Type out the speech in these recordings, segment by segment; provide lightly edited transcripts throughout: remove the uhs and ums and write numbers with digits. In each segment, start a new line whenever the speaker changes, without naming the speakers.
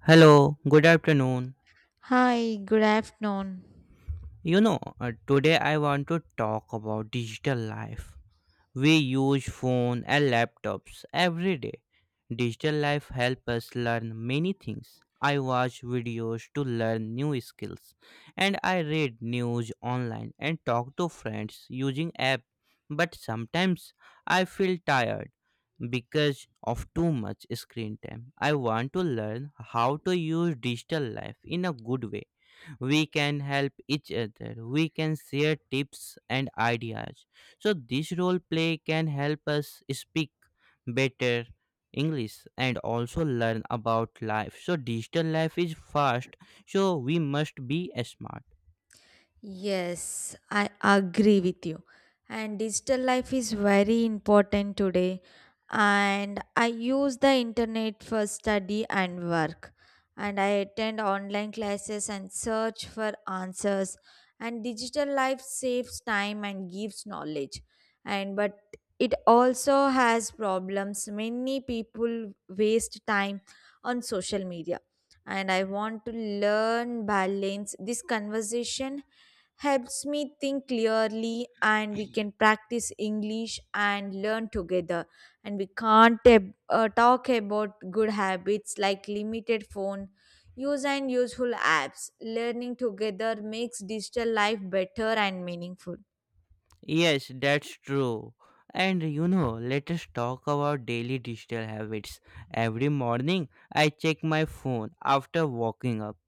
Hello, good afternoon.
Hi, good afternoon.
Today I want to talk about digital life. We use phone and laptops every day. Digital life helps us learn many things. I watch videos to learn new skills, and I read news online and talk to friends using app. But sometimes I feel tired because of too much screen time. I want to learn how to use digital life in a good way. We can help each other. We can share tips and ideas, so this role play can help us speak better English and also learn about life. So digital life is fast, so we must be smart.
Yes, I agree with you. And digital life is very important today. And I use the internet for study and work. And I attend online classes and search for answers. And digital life saves time and gives knowledge. And but it also has problems. Many people waste time on social media. And I want to learn balance. This conversation helps me think clearly, and we can practice English and learn together, and we can't ab- talk about good habits like limited phone use and useful apps. Learning together makes digital life better and meaningful.
Yes, that's true. Let us talk about daily digital habits. Every morning, I check my phone after waking up.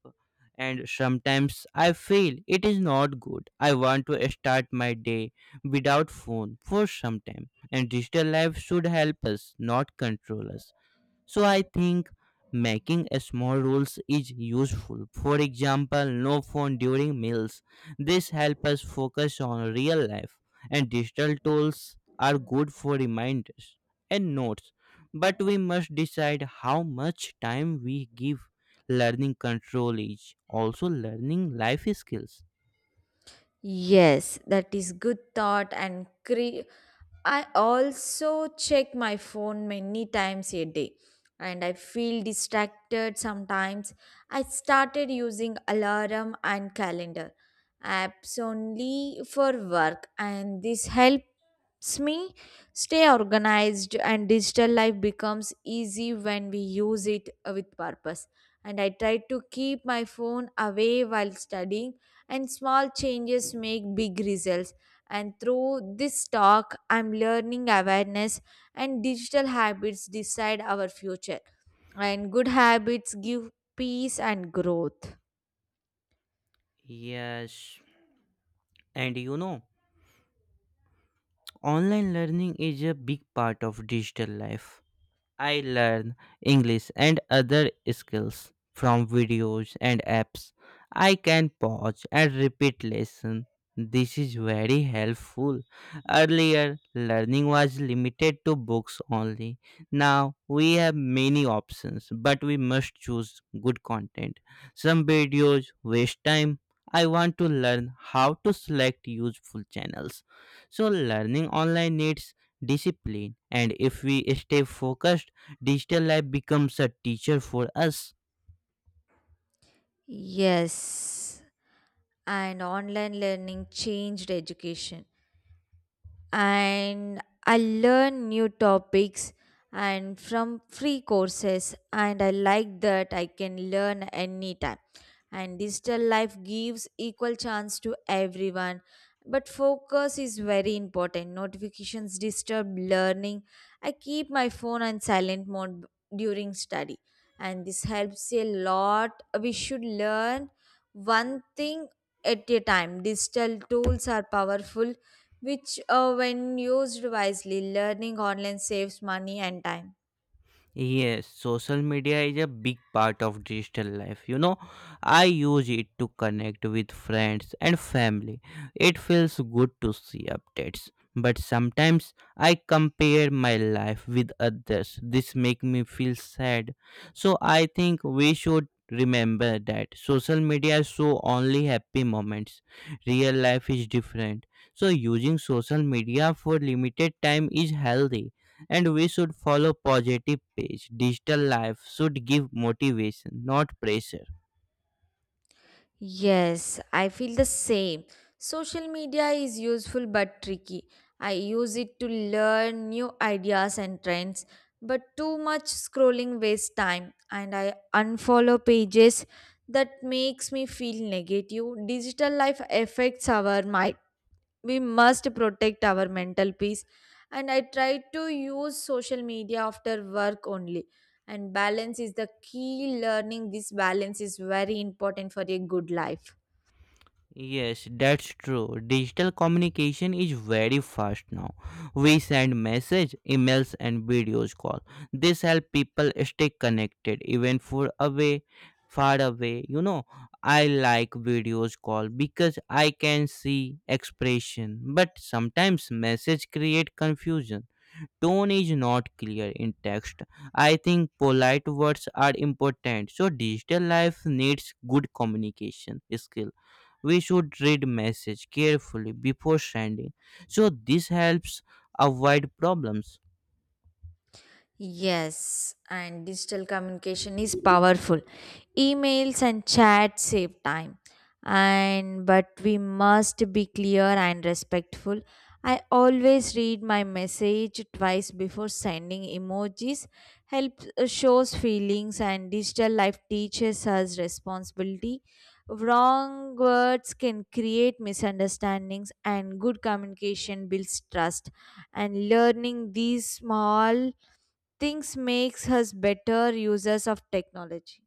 And sometimes I feel it is not good. I want to start my day without phone for some time. And digital life should help us, not control us. So I think making a small rules is useful. For example, no phone during meals. This helps us focus on real life, and digital tools are good for reminders and notes. But we must decide how much time we give learning. Control is also learning life skills.
Yes that is good thought and cre- I also check my phone many times a day, and I feel distracted sometimes. I started using alarm and calendar apps only for work, and this helps SME stay organized, and digital life becomes easy when we use it with purpose. And I try to keep my phone away while studying, and small changes make big results. And through this talk, I'm learning awareness, and digital habits decide our future. And good habits give peace and growth.
Yes, and you know, online learning is a big part of digital life. I learn English and other skills from videos and apps. I can pause and repeat lesson. This is very helpful. Earlier, learning was limited to books only. Now, we have many options, but we must choose good content. Some videos waste time. I want to learn how to select useful channels. So, learning online needs discipline, and if we stay focused, digital life becomes a teacher for us.
Yes, and online learning changed education. And I learn new topics and from free courses, and I like that I can learn anytime, and digital life gives equal chance to everyone, but focus is very important. Notifications disturb learning. I keep my phone on silent mode during study, and this helps a lot. We should learn one thing at a time. Digital tools are powerful when used wisely. Learning online saves money and time.
Yes, social media is a big part of digital life. I use it to connect with friends and family. It feels good to see updates, but sometimes I compare my life with others. This make me feel sad. So I think we should remember that social media show only happy moments. Real life is different. So using social media for limited time is healthy, and we should follow positive page. Digital life should give motivation, not pressure.
Yes, I feel the same. Social media is useful but tricky. I use it to learn new ideas and trends, but too much scrolling wastes time, and I unfollow pages that makes me feel negative. Digital life affects our, we must protect our mental peace, and I try to use social media after work only, and balance is the key. Learning this balance is very important for a good life.
Yes, that's true. Digital communication is very fast now. We send message, emails and videos call. This help people stay connected even for away, far away. I like videos call because I can see expression, but sometimes message create confusion. Tone is not clear in text. I think polite words are important. So digital life needs good communication skill. We should read message carefully before sending. So this helps avoid problems.
Yes, and digital communication is powerful. Emails and chats save time. And but we must be clear and respectful. I always read my message twice before sending. Emojis help shows feelings, and digital life teaches us responsibility. Wrong words can create misunderstandings, and good communication builds trust, and learning these small thinks makes us better users of technology.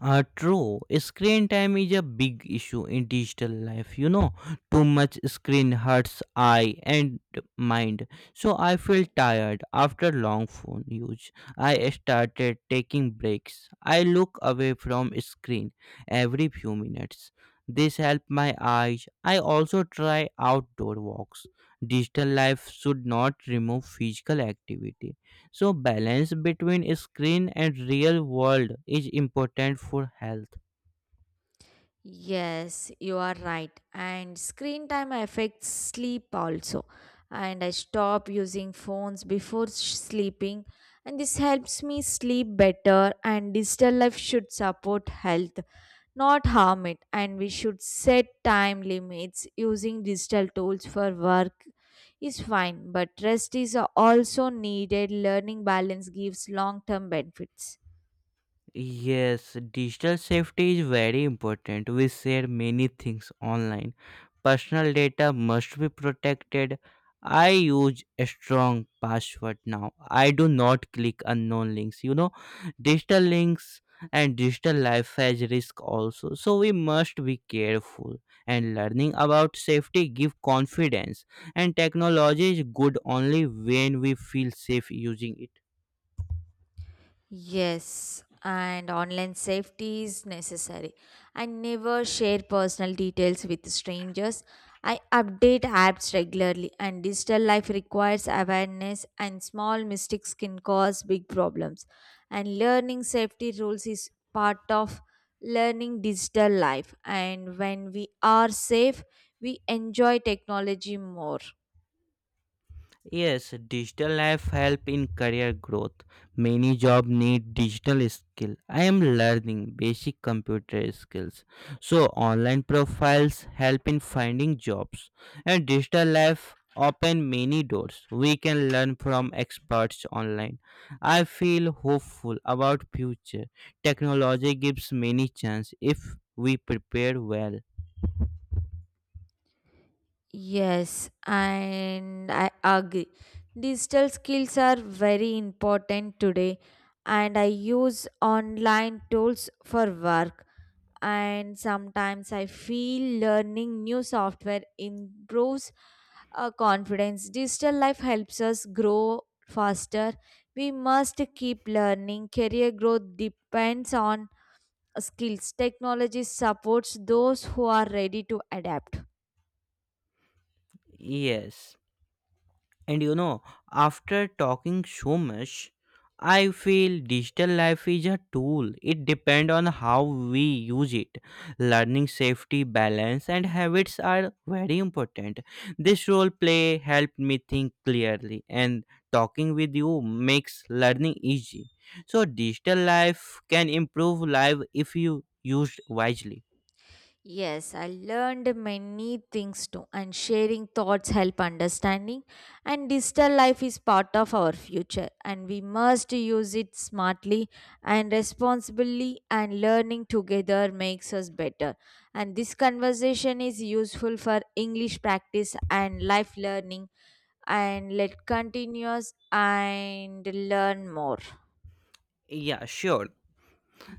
True. Screen time is a big issue in digital life. Too much screen hurts eye and mind. So I feel tired after long phone use. I started taking breaks. I look away from screen every few minutes. This help my eyes. I also try outdoor walks. Digital life should not remove physical activity. So balance between screen and real world is important for health.
Yes, you are right. And screen time affects sleep also. And I stop using phones before sleeping, and this helps me sleep better. And digital life should support health, not harm it. And we should set time limits. Using digital tools for work is fine, but rest is also needed. Learning balance gives long term benefits.
Yes, digital safety is very important. We share many things online. Personal data must be protected. I use a strong password now. I do not click unknown links. Digital links, and digital life has risk also. So we must be careful. And learning about safety give confidence. And technology is good only when we feel safe using it.
Yes, and online safety is necessary. I never share personal details with strangers. I update apps regularly, and digital life requires awareness, and small mistakes can cause big problems. And learning safety rules is part of learning digital life. And when we are safe, we enjoy technology more.
Yes, digital life help in career growth. Many job need digital skill. I am learning basic computer skills. So online profiles help in finding jobs, and digital life open many doors. We can learn from experts online. I feel hopeful about future. Technology gives many chance if we prepare well.
Yes, and I agree. Digital skills are very important today, and I use online tools for work. And sometimes I feel learning new software improves our confidence. Digital life helps us grow faster. We must keep learning. Career growth depends on skills. Technology supports those who are ready to adapt.
Yes. And you know, After talking so much, I feel digital life is a tool. It depends on how we use it. Learning, safety, balance, and habits are very important. This role play helped me think clearly, and talking with you makes learning easy. So, digital life can improve life if you used wisely.
Yes, I learned many things too, and sharing thoughts help understanding. And digital life is part of our future, and we must use it smartly and responsibly. And learning together makes us better. And this conversation is useful for English practice and life learning. And let continuous and learn more.
Yeah, sure.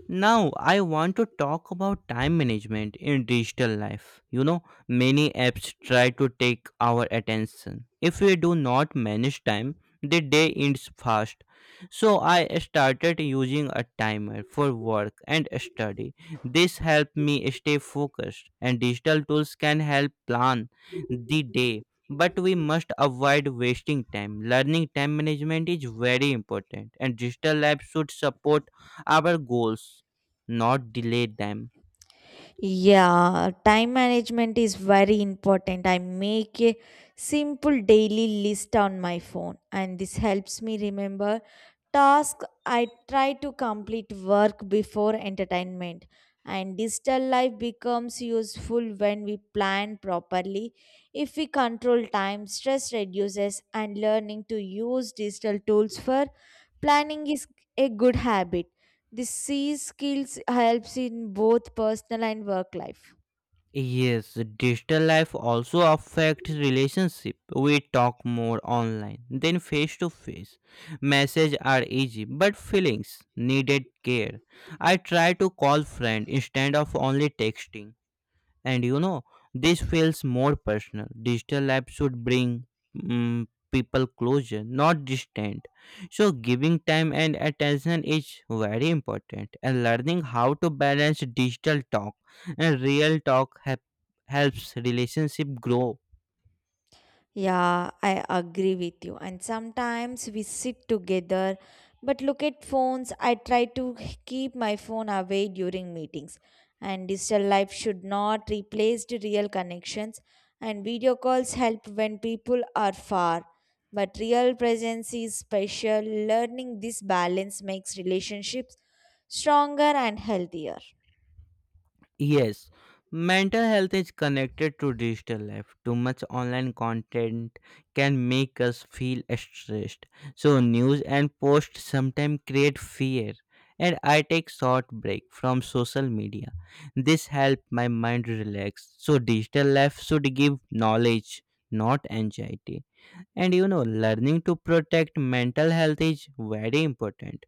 Now, I want to talk about time management in digital life. Many apps try to take our attention. If we do not manage time, the day ends fast. So, I started using a timer for work and study. This helped me stay focused, and digital tools can help plan the day. But we must avoid wasting time. Learning time management is very important, and digital apps should support our goals, not delay them.
Yeah, time management is very important. I make a simple daily list on my phone, and this helps me remember tasks. I try to complete work before entertainment. And digital life becomes useful when we plan properly. If we control time, stress reduces, and learning to use digital tools for planning is a good habit. These C skills helps in both personal and work life.
Yes, digital life also affects relationship. We talk more online than face to face. Messages are easy, but feelings needed care. I try to call friend instead of only texting. And you know This feels more personal. Digital apps should bring mm people closer, not distant. So giving time and attention is very important, and learning how to balance digital talk and real helps relationship grow.
Yeah, I agree with you. And sometimes we sit together, but look at phones. I try to keep my phone away during meetings. And digital life should not replace the real connections. And video calls help when people are far. But real presence is special. Learning this balance makes relationships stronger and healthier.
Yes, mental health is connected to digital life. Too much online content can make us feel stressed. So, news and posts sometimes create fear. And I take short break from social media. This help my mind relax. So digital life should give knowledge, not anxiety. Learning to protect mental health is very important.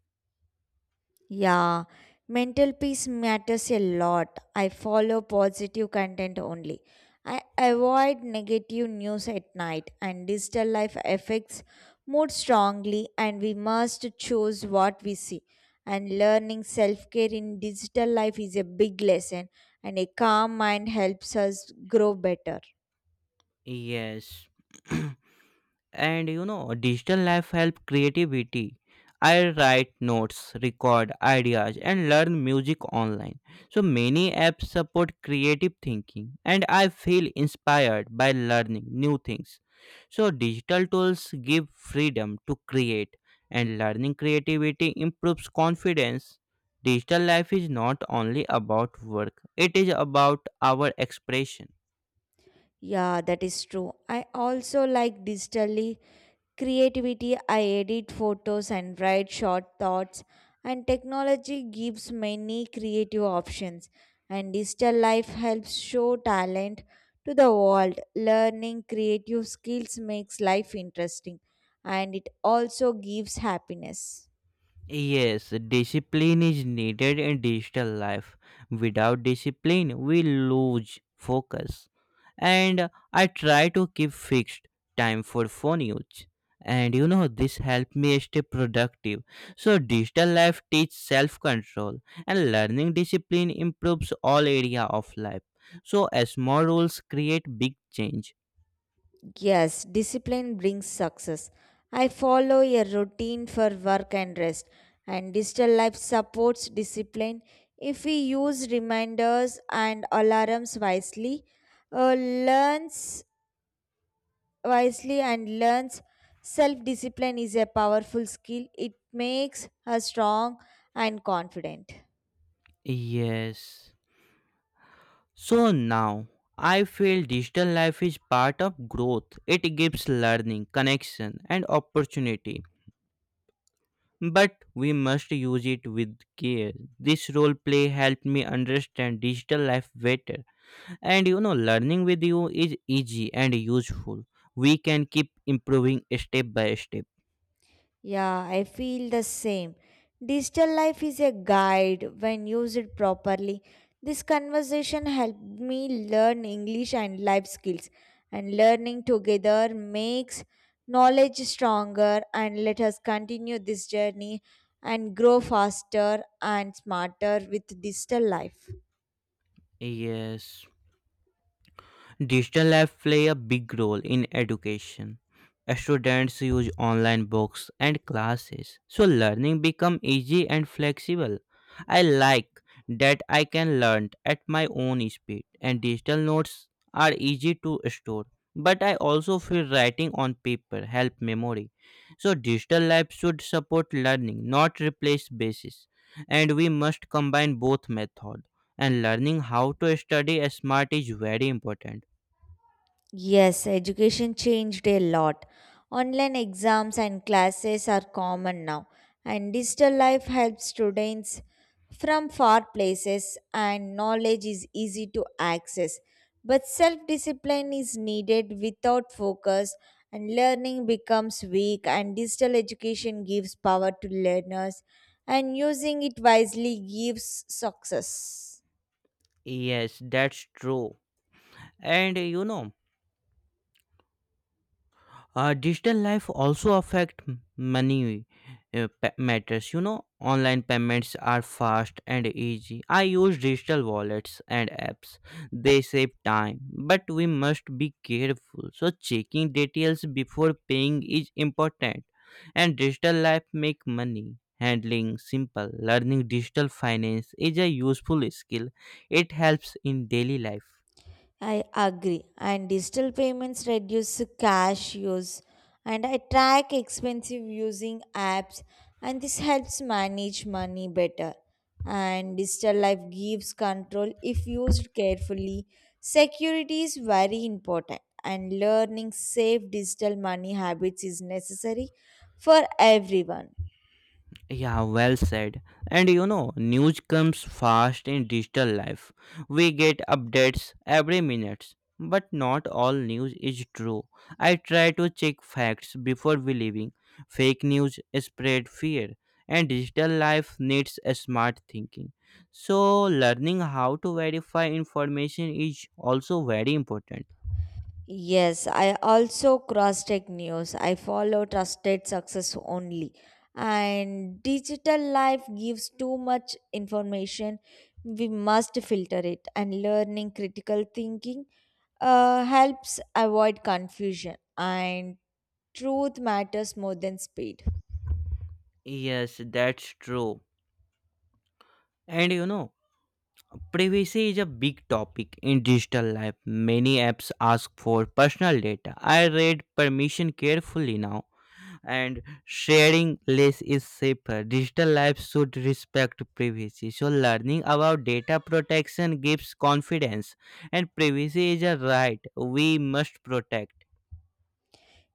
Yeah, mental peace matters a lot. I follow positive content only. I avoid negative news at night, and digital life affects mood strongly, and we must choose what we see. And learning self care in digital life is a big lesson, and a calm mind helps us grow better.
Yes. and you know Digital life help creativity. I write notes, record ideas and learn music online. So many apps support creative thinking, and I feel inspired by learning new things. So digital tools give freedom to create, and learning creativity improves confidence. Digital life is not only about work, it is about our expression.
Yeah, that is true. I also like digitally creativity. I edit photos and write short thoughts, and technology gives many creative options. And digital life helps show talent to the world. Learning creative skills makes life interesting, and it also gives happiness.
Yes, discipline is needed in digital life. Without discipline, we lose focus. And I try to keep fixed time for phone use. This helped me stay productive. So, digital life teaches self control, and learning discipline improves all area of life. So, small rules create big change.
Yes, discipline brings success. I follow a routine for work and rest, and digital life supports discipline. If we use reminders and alarms wisely, learns wisely and learns self discipline is a powerful skill. It makes us strong and confident.
Yes. So now I feel digital life is part of growth. It gives learning, connection, and opportunity. But we must use it with care. This role play helped me understand digital life better. Learning with you is easy and useful. We can keep improving step by step.
Yeah, I feel the same. Digital life is a guide when used properly. This conversation helped me learn English and life skills, and learning together makes knowledge stronger. And let us continue this journey and grow faster and smarter with digital life.
Yes, digital apps play a big role in education. Students use online books and classes, so learning become easy and flexible. I like that I can learn at my own speed, and digital notes are easy to store. But I also feel writing on paper help memory. So digital apps should support learning, not replace basis. And we must combine both method, and learning how to study smart is very important.
Yes, education changed a lot. Online exams and classes are common now, and digital life helps students from far places, and knowledge is easy to access. But self discipline is needed. Without focus, and learning becomes weak, and digital education gives power to learners, and using it wisely gives success.
Yes, that's true. And uh, you know, Digital life also affect money matters. Online payments are fast and easy. I use digital wallets and apps. They save time, but we must be careful. So checking details before paying is important. And digital life make money handling simple. Learning digital finance is a useful skill. It helps in daily life.
I agree. And digital payments reduce cash use, and I track expensive using apps, and this helps manage money better. And digital life gives control if used carefully. Security is very important, and learning safe digital money habits is necessary for everyone.
Yeah, well said. News comes fast in digital life. We get updates every minute. But not all news is true. I try to check facts before believing. Fake news spread fear, and digital life needs a smart thinking. So, learning how to verify information is also very important.
Yes, I also cross check news. I follow trusted success only. And digital life gives too much information. We must filter it. And learning critical thinking helps avoid confusion. And truth matters more than speed.
Yes, that's true. And you know, Privacy is a big topic in digital life. Many apps ask for personal data. I read permission carefully now, and sharing less is safer. Digital life should respect privacy. So, learning about data protection gives confidence, and privacy is a right we must protect.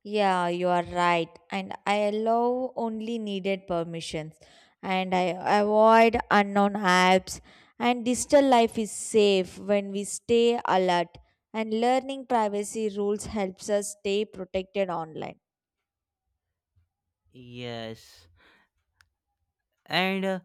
Yeah, you are right. And I allow only needed permissions, and I avoid unknown apps. And digital life is safe when we stay alert. And learning privacy rules helps us stay protected online.
Yes. and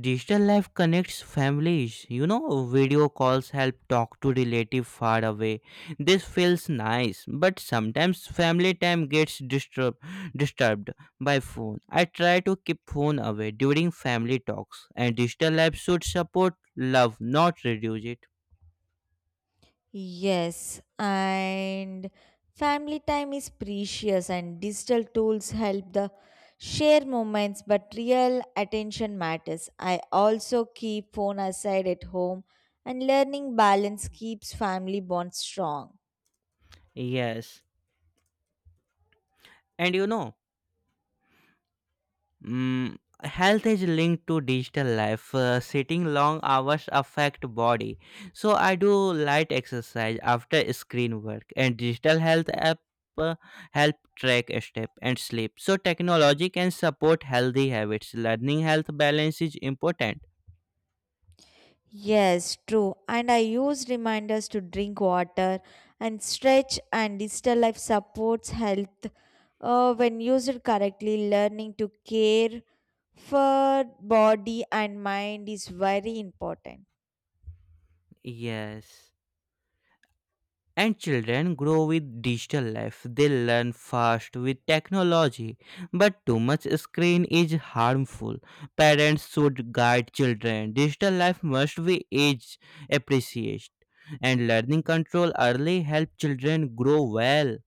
Digital life connects families. Video calls help talk to relative far away. This feels nice, but sometimes family time gets disturbed by phone. I try to keep phone away during family talks, and digital life should support love, not reduce it.
Yes, and family time is precious, and digital tools help the share moments, but real attention matters. I also keep phone aside at home, and learning balance keeps family bonds strong.
Yes. and you know Mm, Health is linked to digital life. Sitting long hours affect body. So I do light exercise after screen work, and digital health app uh, help track step and sleep. So technology can support healthy habits. Learning health balance is important.
Yes, true. And I use reminders to drink water and stretch, and digital life supports health when used correctly. Learning to care for body and mind is very important.
Yes. And children grow with digital life. They learn fast with technology. But too much screen is harmful. Parents should guide children. Digital life must be age appreciated. And learning control early help children grow well.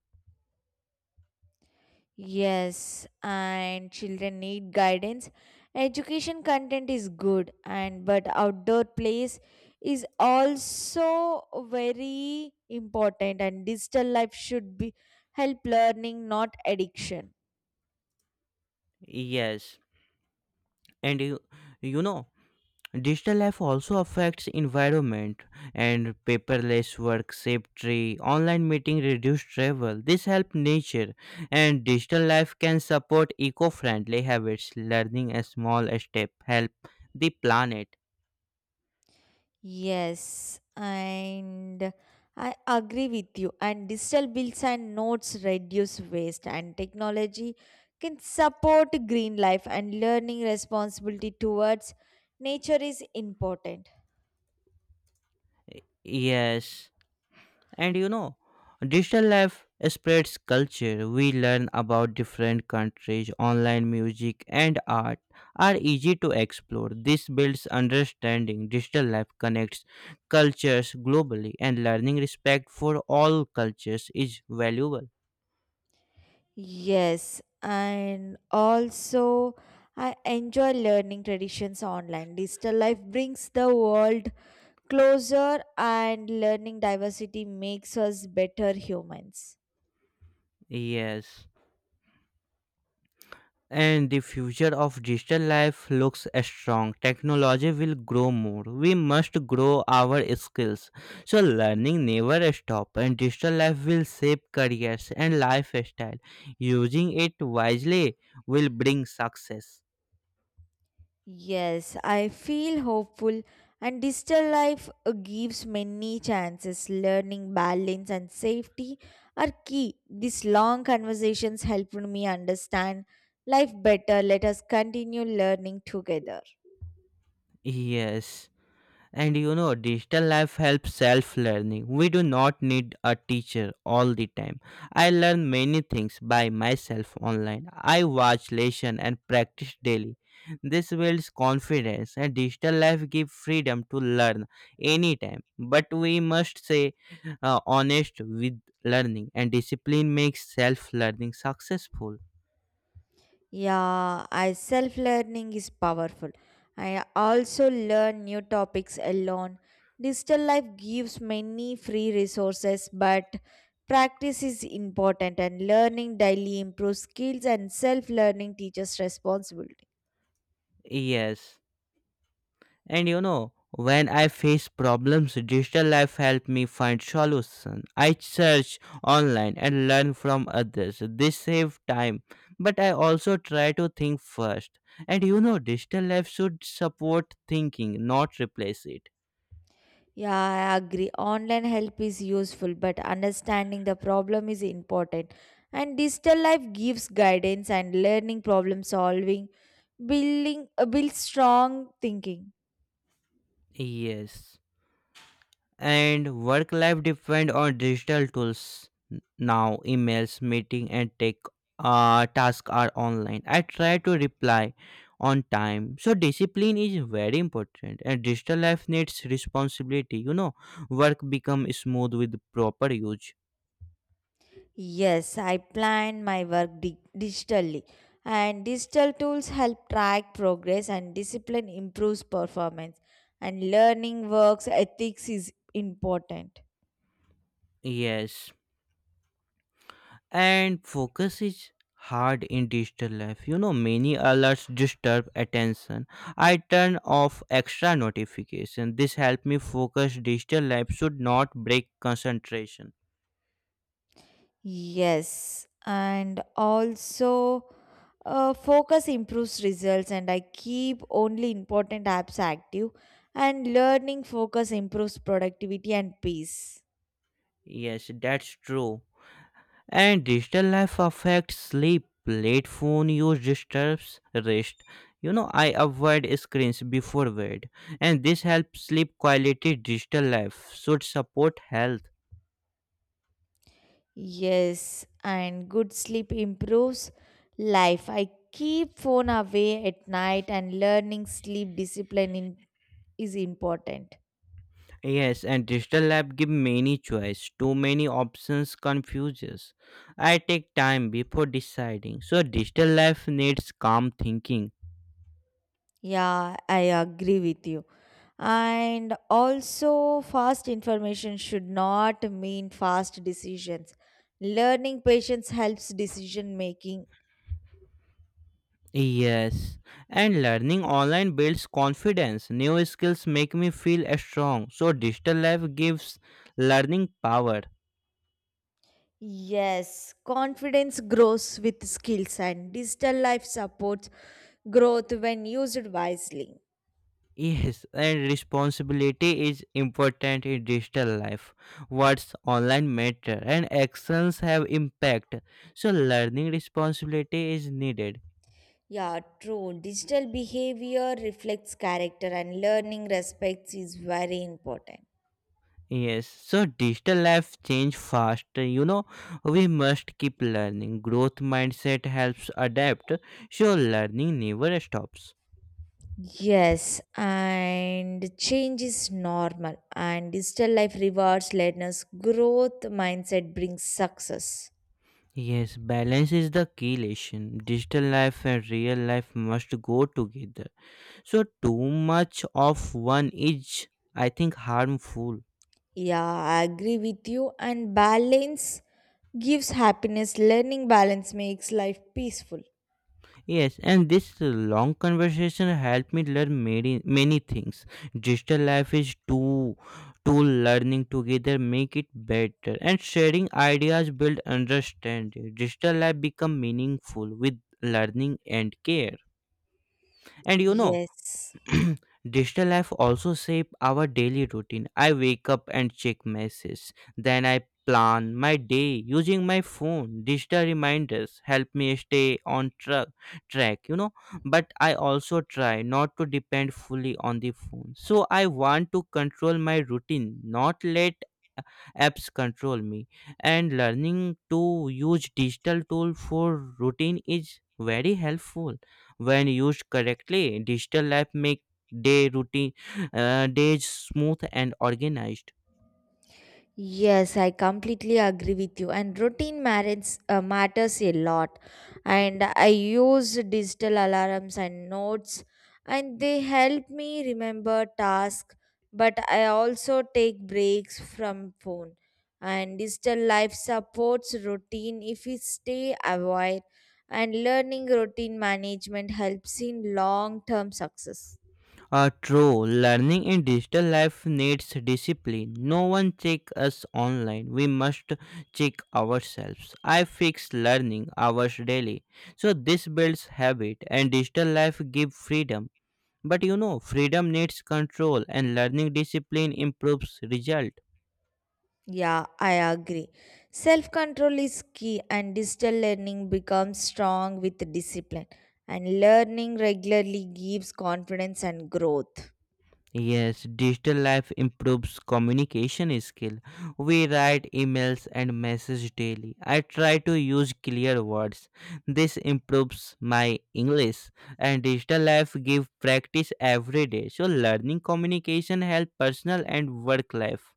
Yes, and children need guidance. Education content is good, and but outdoor plays is also very important, and digital life should be help learning, not addiction.
Yes. And you know, Digital life also affects environment, and paperless work save tree, online meeting reduce travel. This help nature, and digital life can support eco-friendly habits. Learning a small step help the planet.
Yes, and I agree with you, and digital bills and notes reduce waste, and technology can support green life, and learning responsibility towards nature is important.
Yes. And you know, Digital life spreads culture. We learn about different countries, online music, and art are easy to explore. This builds understanding. Digital life connects cultures globally, and learning respect for all cultures is valuable.
Yes, and also I enjoy learning traditions online. Digital life brings the world closer, and learning diversity makes us better humans.
Yes, and the future of digital life looks strong. Technology will grow more. We must grow our skills. So learning never stop, and digital life will shape careers and lifestyle. Using it wisely will bring success.
Yes, I feel hopeful, and digital life gives many chances. Learning balance and safety are key. These long conversations helped me understand life better. Let us continue learning together.
Yes. And digital life helps self learning. We do not need a teacher all the time. I learn many things by myself online. I watch lesson and practice daily. This builds confidence, and digital life gives freedom to learn anytime. But we must say honest with learning, and discipline makes self learning successful.
Yeah, I self learning is powerful. I also learn new topics alone. Digital life gives many free resources, but practice is important, and learning daily improves skills, and self learning teaches responsibility.
Yes. And when I face problems, digital life helped me find solution. I search online and learn from others. This save time, but I also try to think first. And digital life should support thinking, not replace it.
Yeah, I agree. Online help is useful, but understanding the problem is important. And digital life gives guidance, and learning problem solving, building builds strong thinking.
Yes. And work life depend on digital tools now. Emails, meeting, and take tasks are online. I try to reply on time, so discipline is very important, and digital life needs responsibility. Work become smooth with proper use.
Yes, I plan my work digitally, and digital tools help track progress, and discipline improves performance, and learning works ethics is important.
Yes. And focus is hard in digital life. Many alerts disturb attention. I turn off extra notification. This help me focus. Digital life should not break concentration.
Yes, and also focus improves results, and I keep only important apps active, and learning focus improves productivity and peace.
Yes, that's true. And digital life affects sleep. Late phone use disturbs rest. I avoid screens before bed, and this helps sleep quality. Digital life should support health.
Yes, and good sleep improves life. I keep phone away at night, and learning sleep discipline in, is important.
Yes, and digital lab give many choice. Too many options confuses. I take time before deciding. So digital life needs calm thinking.
Yeah, I agree with you. And also fast information should not mean fast decisions. Learning patience helps decision making.
Yes, and learning online builds confidence. New skills make me feel strong. So digital life gives learning power.
Yes, confidence grows with skills, and digital life supports growth when used wisely.
Yes, and responsibility is important in digital life. Words online matter, and actions have impact. So learning responsibility is needed.
Yeah, true. Digital behavior reflects character, and learning respects is very important.
Yes, so digital life change fast. We must keep learning. Growth mindset helps adapt, so learning never stops.
Yes, and change is normal, and digital life rewards learners' growth mindset brings success.
Yes, balance is the key lesson. Digital life and real life must go together. So too much of one is, I think, harmful.
Yeah, I agree with you. And balance gives happiness, learning balance makes life peaceful.
Yes, and this long conversation helped me learn many, many things. Digital life is two learning together make it better, and sharing ideas build understanding. Digital life become meaningful with learning and care. And
Yes.
digital life also shape our daily routine. I wake up and check messages. Then I plan my day using my phone. Digital reminders help me stay on track. But I also try not to depend fully on the phone. So I want to control my routine, not let apps control me, and learning to use digital tool for routine is very helpful. When used correctly, digital app make day routine days smooth and organized.
Yes, I completely agree with you. And routine marriage matters a lot. And I use digital alarms and notes, and they help me remember tasks. But I also take breaks from phone. And digital life supports routine if we stay aware. And learning routine management helps in long term success.
True, learning in digital life needs discipline. No one check us online. We must check ourselves. I fix learning hours daily, so this builds habit, and digital life give freedom. But freedom needs control, and learning discipline improves result.
Yeah, I agree. Self control is key, and digital learning becomes strong with discipline. And learning regularly gives confidence and growth.
Yes, digital life improves communication skill. We write emails and message daily. I try to use clear words. This improves my English, and digital life give practice every day. So learning communication help personal and work life.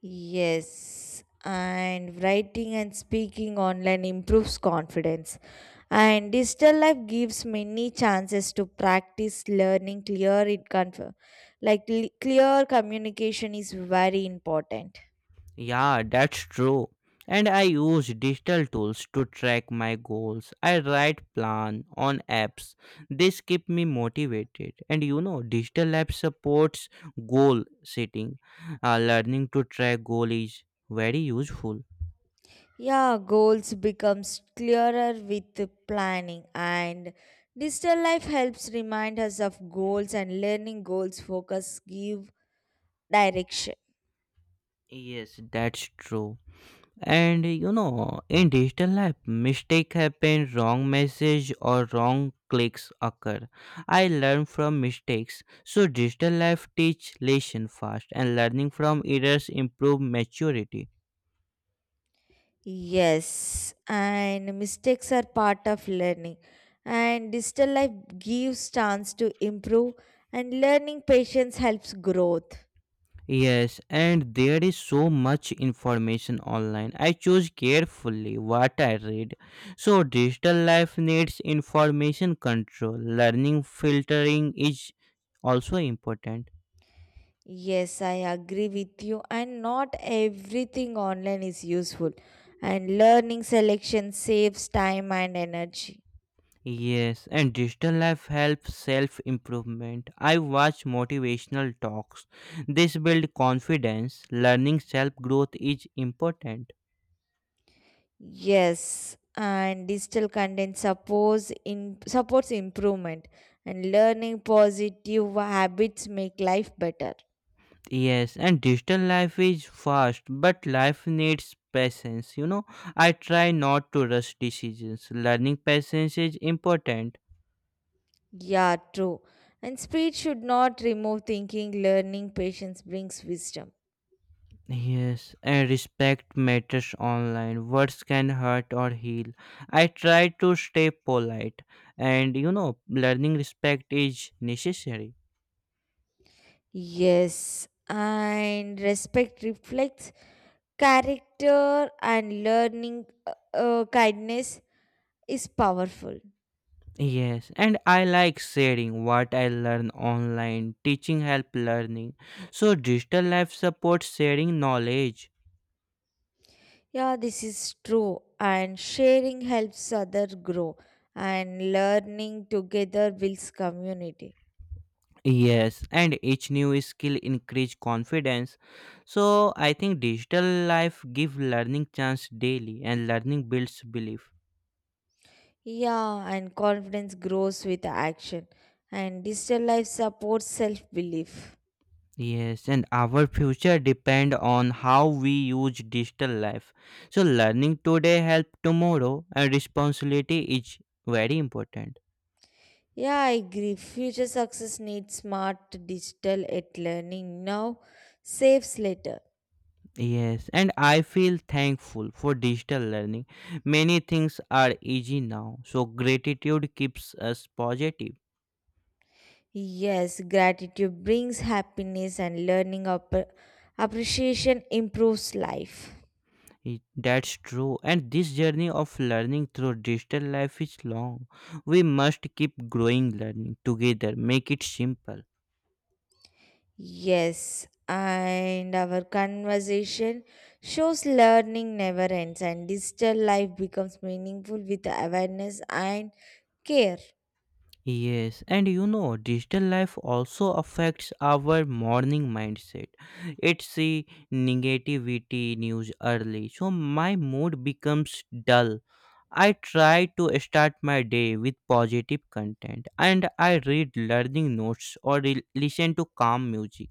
Yes, and writing and speaking online improves confidence. And digital life gives many chances to practice learning clear. It conf- like l- Clear communication is very important.
Yeah, that's true. And I use digital tools to track my goals. I write plan on apps. This keep me motivated. And digital app supports goal setting. Learning to track goal is very useful.
Yeah, goals becomes clearer with planning, and digital life helps remind us of goals, and learning goals focus give direction.
Yes, that's true. And in digital life, mistake happen. Wrong message or wrong clicks occur. I learn from mistakes. So digital life teach lesson fast, and learning from errors improve maturity.
Yes, and mistakes are part of learning, and digital life gives chance to improve, and learning patience helps growth.
Yes, and there is so much information online. I choose carefully what I read. So digital life needs information control. Learning filtering is also important.
Yes, I agree with you, and not everything online is useful, and learning selection saves time and energy.
Yes, and digital life helps self improvement. I watch motivational talks. This build confidence. Learning self growth is important.
Yes, and digital content supports in supports improvement, and learning positive habits make life better.
Yes, and digital life is fast, but life needs patience. I try not to rush decisions. Learning patience is important.
Yeah, true. And speed should not remove thinking, learning, patience brings wisdom.
Yes, and respect matters online. Words can hurt or heal. I try to stay polite, and learning respect is necessary.
Yes, and respect reflects character, and learning kindness is powerful.
Yes, and I like sharing what I learn online. Teaching help learning. So digital life supports sharing knowledge.
Yeah, this is true. And sharing helps other grow, and learning together builds community.
Yes, and each new skill increase confidence. So I think digital life give learning chance daily, and learning builds belief.
Yeah, and confidence grows with action, and digital life supports self belief.
Yes, and our future depend on how we use digital life. So learning today help tomorrow, and responsibility is very important.
Yeah, I agree. Future success needs smart digital at learning now, saves later.
Yes, and I feel thankful for digital learning. Many things are easy now. So gratitude keeps us positive.
Yes, gratitude brings happiness, and learning appreciation improves life.
That's true. And this journey of learning through digital life is long. We must keep growing learning together. Make it simple.
Yes, and our conversation shows learning never ends, and digital life becomes meaningful with awareness and care.
Yes, and digital life also affects our morning mindset. It see negativity news early, so my mood becomes dull. I try to start my day with positive content, and I read learning notes or listen to calm music,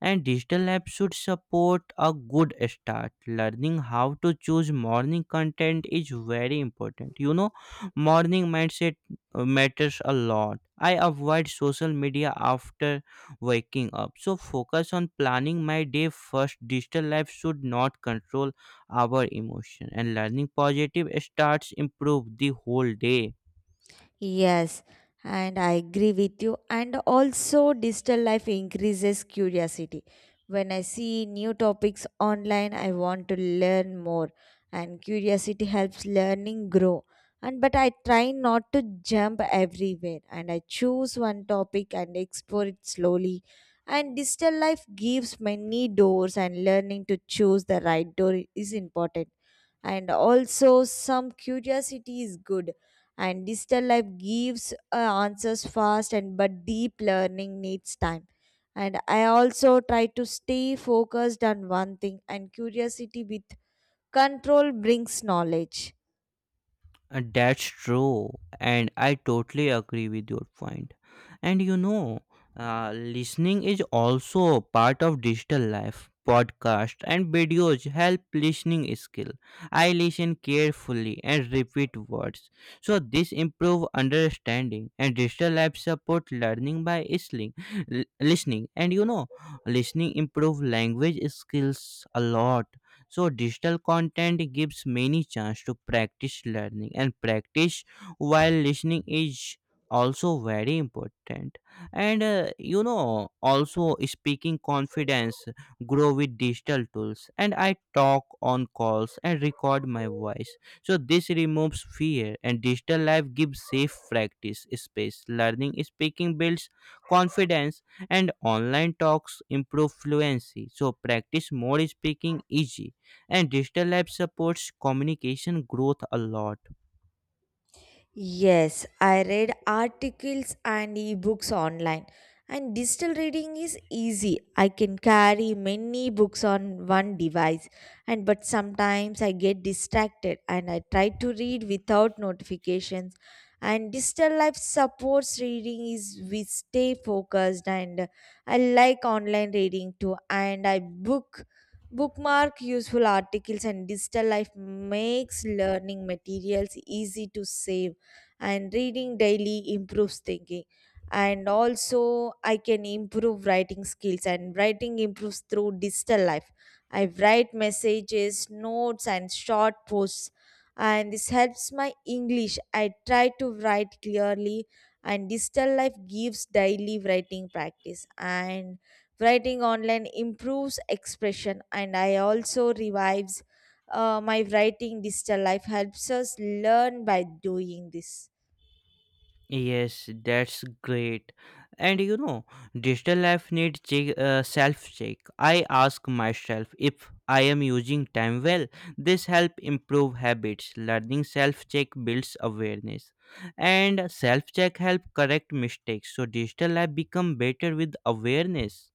and digital apps should support a good start. Learning how to choose morning content is very important. Morning mindset matters a lot. I avoid social media after waking up. So focus on planning my day first. Digital life should not control our emotion, and learning positive starts improve the whole day.
Yes, and I agree with you. And also, digital life increases curiosity. When I see new topics online, I want to learn more, and curiosity helps learning grow. And but I try not to jump everywhere, and I choose one topic and explore it slowly. And digital life gives many doors, and learning to choose the right door is important. And also, some curiosity is good, and digital life gives answers fast, and but deep learning needs time, and I also try to stay focused on one thing, and curiosity with control brings knowledge.
That's true, and I totally agree with your point. And listening is also part of digital life. Podcast and videos help listening skill. I listen carefully and repeat words, so this improve understanding. And digital life support learning by listening, listening. And listening improve language skills a lot, so digital content gives many chance to practice learning, and practice while listening is also very important. And also speaking confidence grow with digital tools, and I talk on calls and record my voice, so this removes fear, and digital life gives safe practice space. Learning speaking builds confidence, and online talks improve fluency, so practice more speaking easy, and digital lab supports communication growth a lot.
Yes, I read articles and ebooks online. And digital reading is easy. I can carry many books on one device. And but sometimes I get distracted, and I try to read without notifications. And digital life supports reading is we stay focused, and I like online reading too. And I bookmark useful articles, and digital life makes learning materials easy to save, and reading daily improves thinking, and also I can improve writing skills, and writing improves through digital life. I write messages notes and short posts, and this helps my English. I try to write clearly, and digital life gives daily writing practice, and writing online improves expression, and I also revives my writing. Digital life helps us learn by doing this.
Yes, that's great. And digital life needs self check. I ask myself if I am using time well. This help improve habits. Learning self check builds awareness, and self check help correct mistakes, so digital life become better with awareness.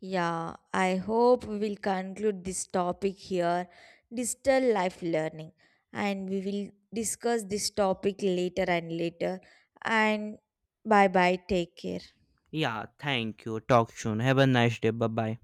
Yeah, I hope we will conclude this topic here, digital life learning, and we will discuss this topic later and later. And bye bye, take care.
Yeah, thank you. Talk soon. Have a nice day. Bye bye.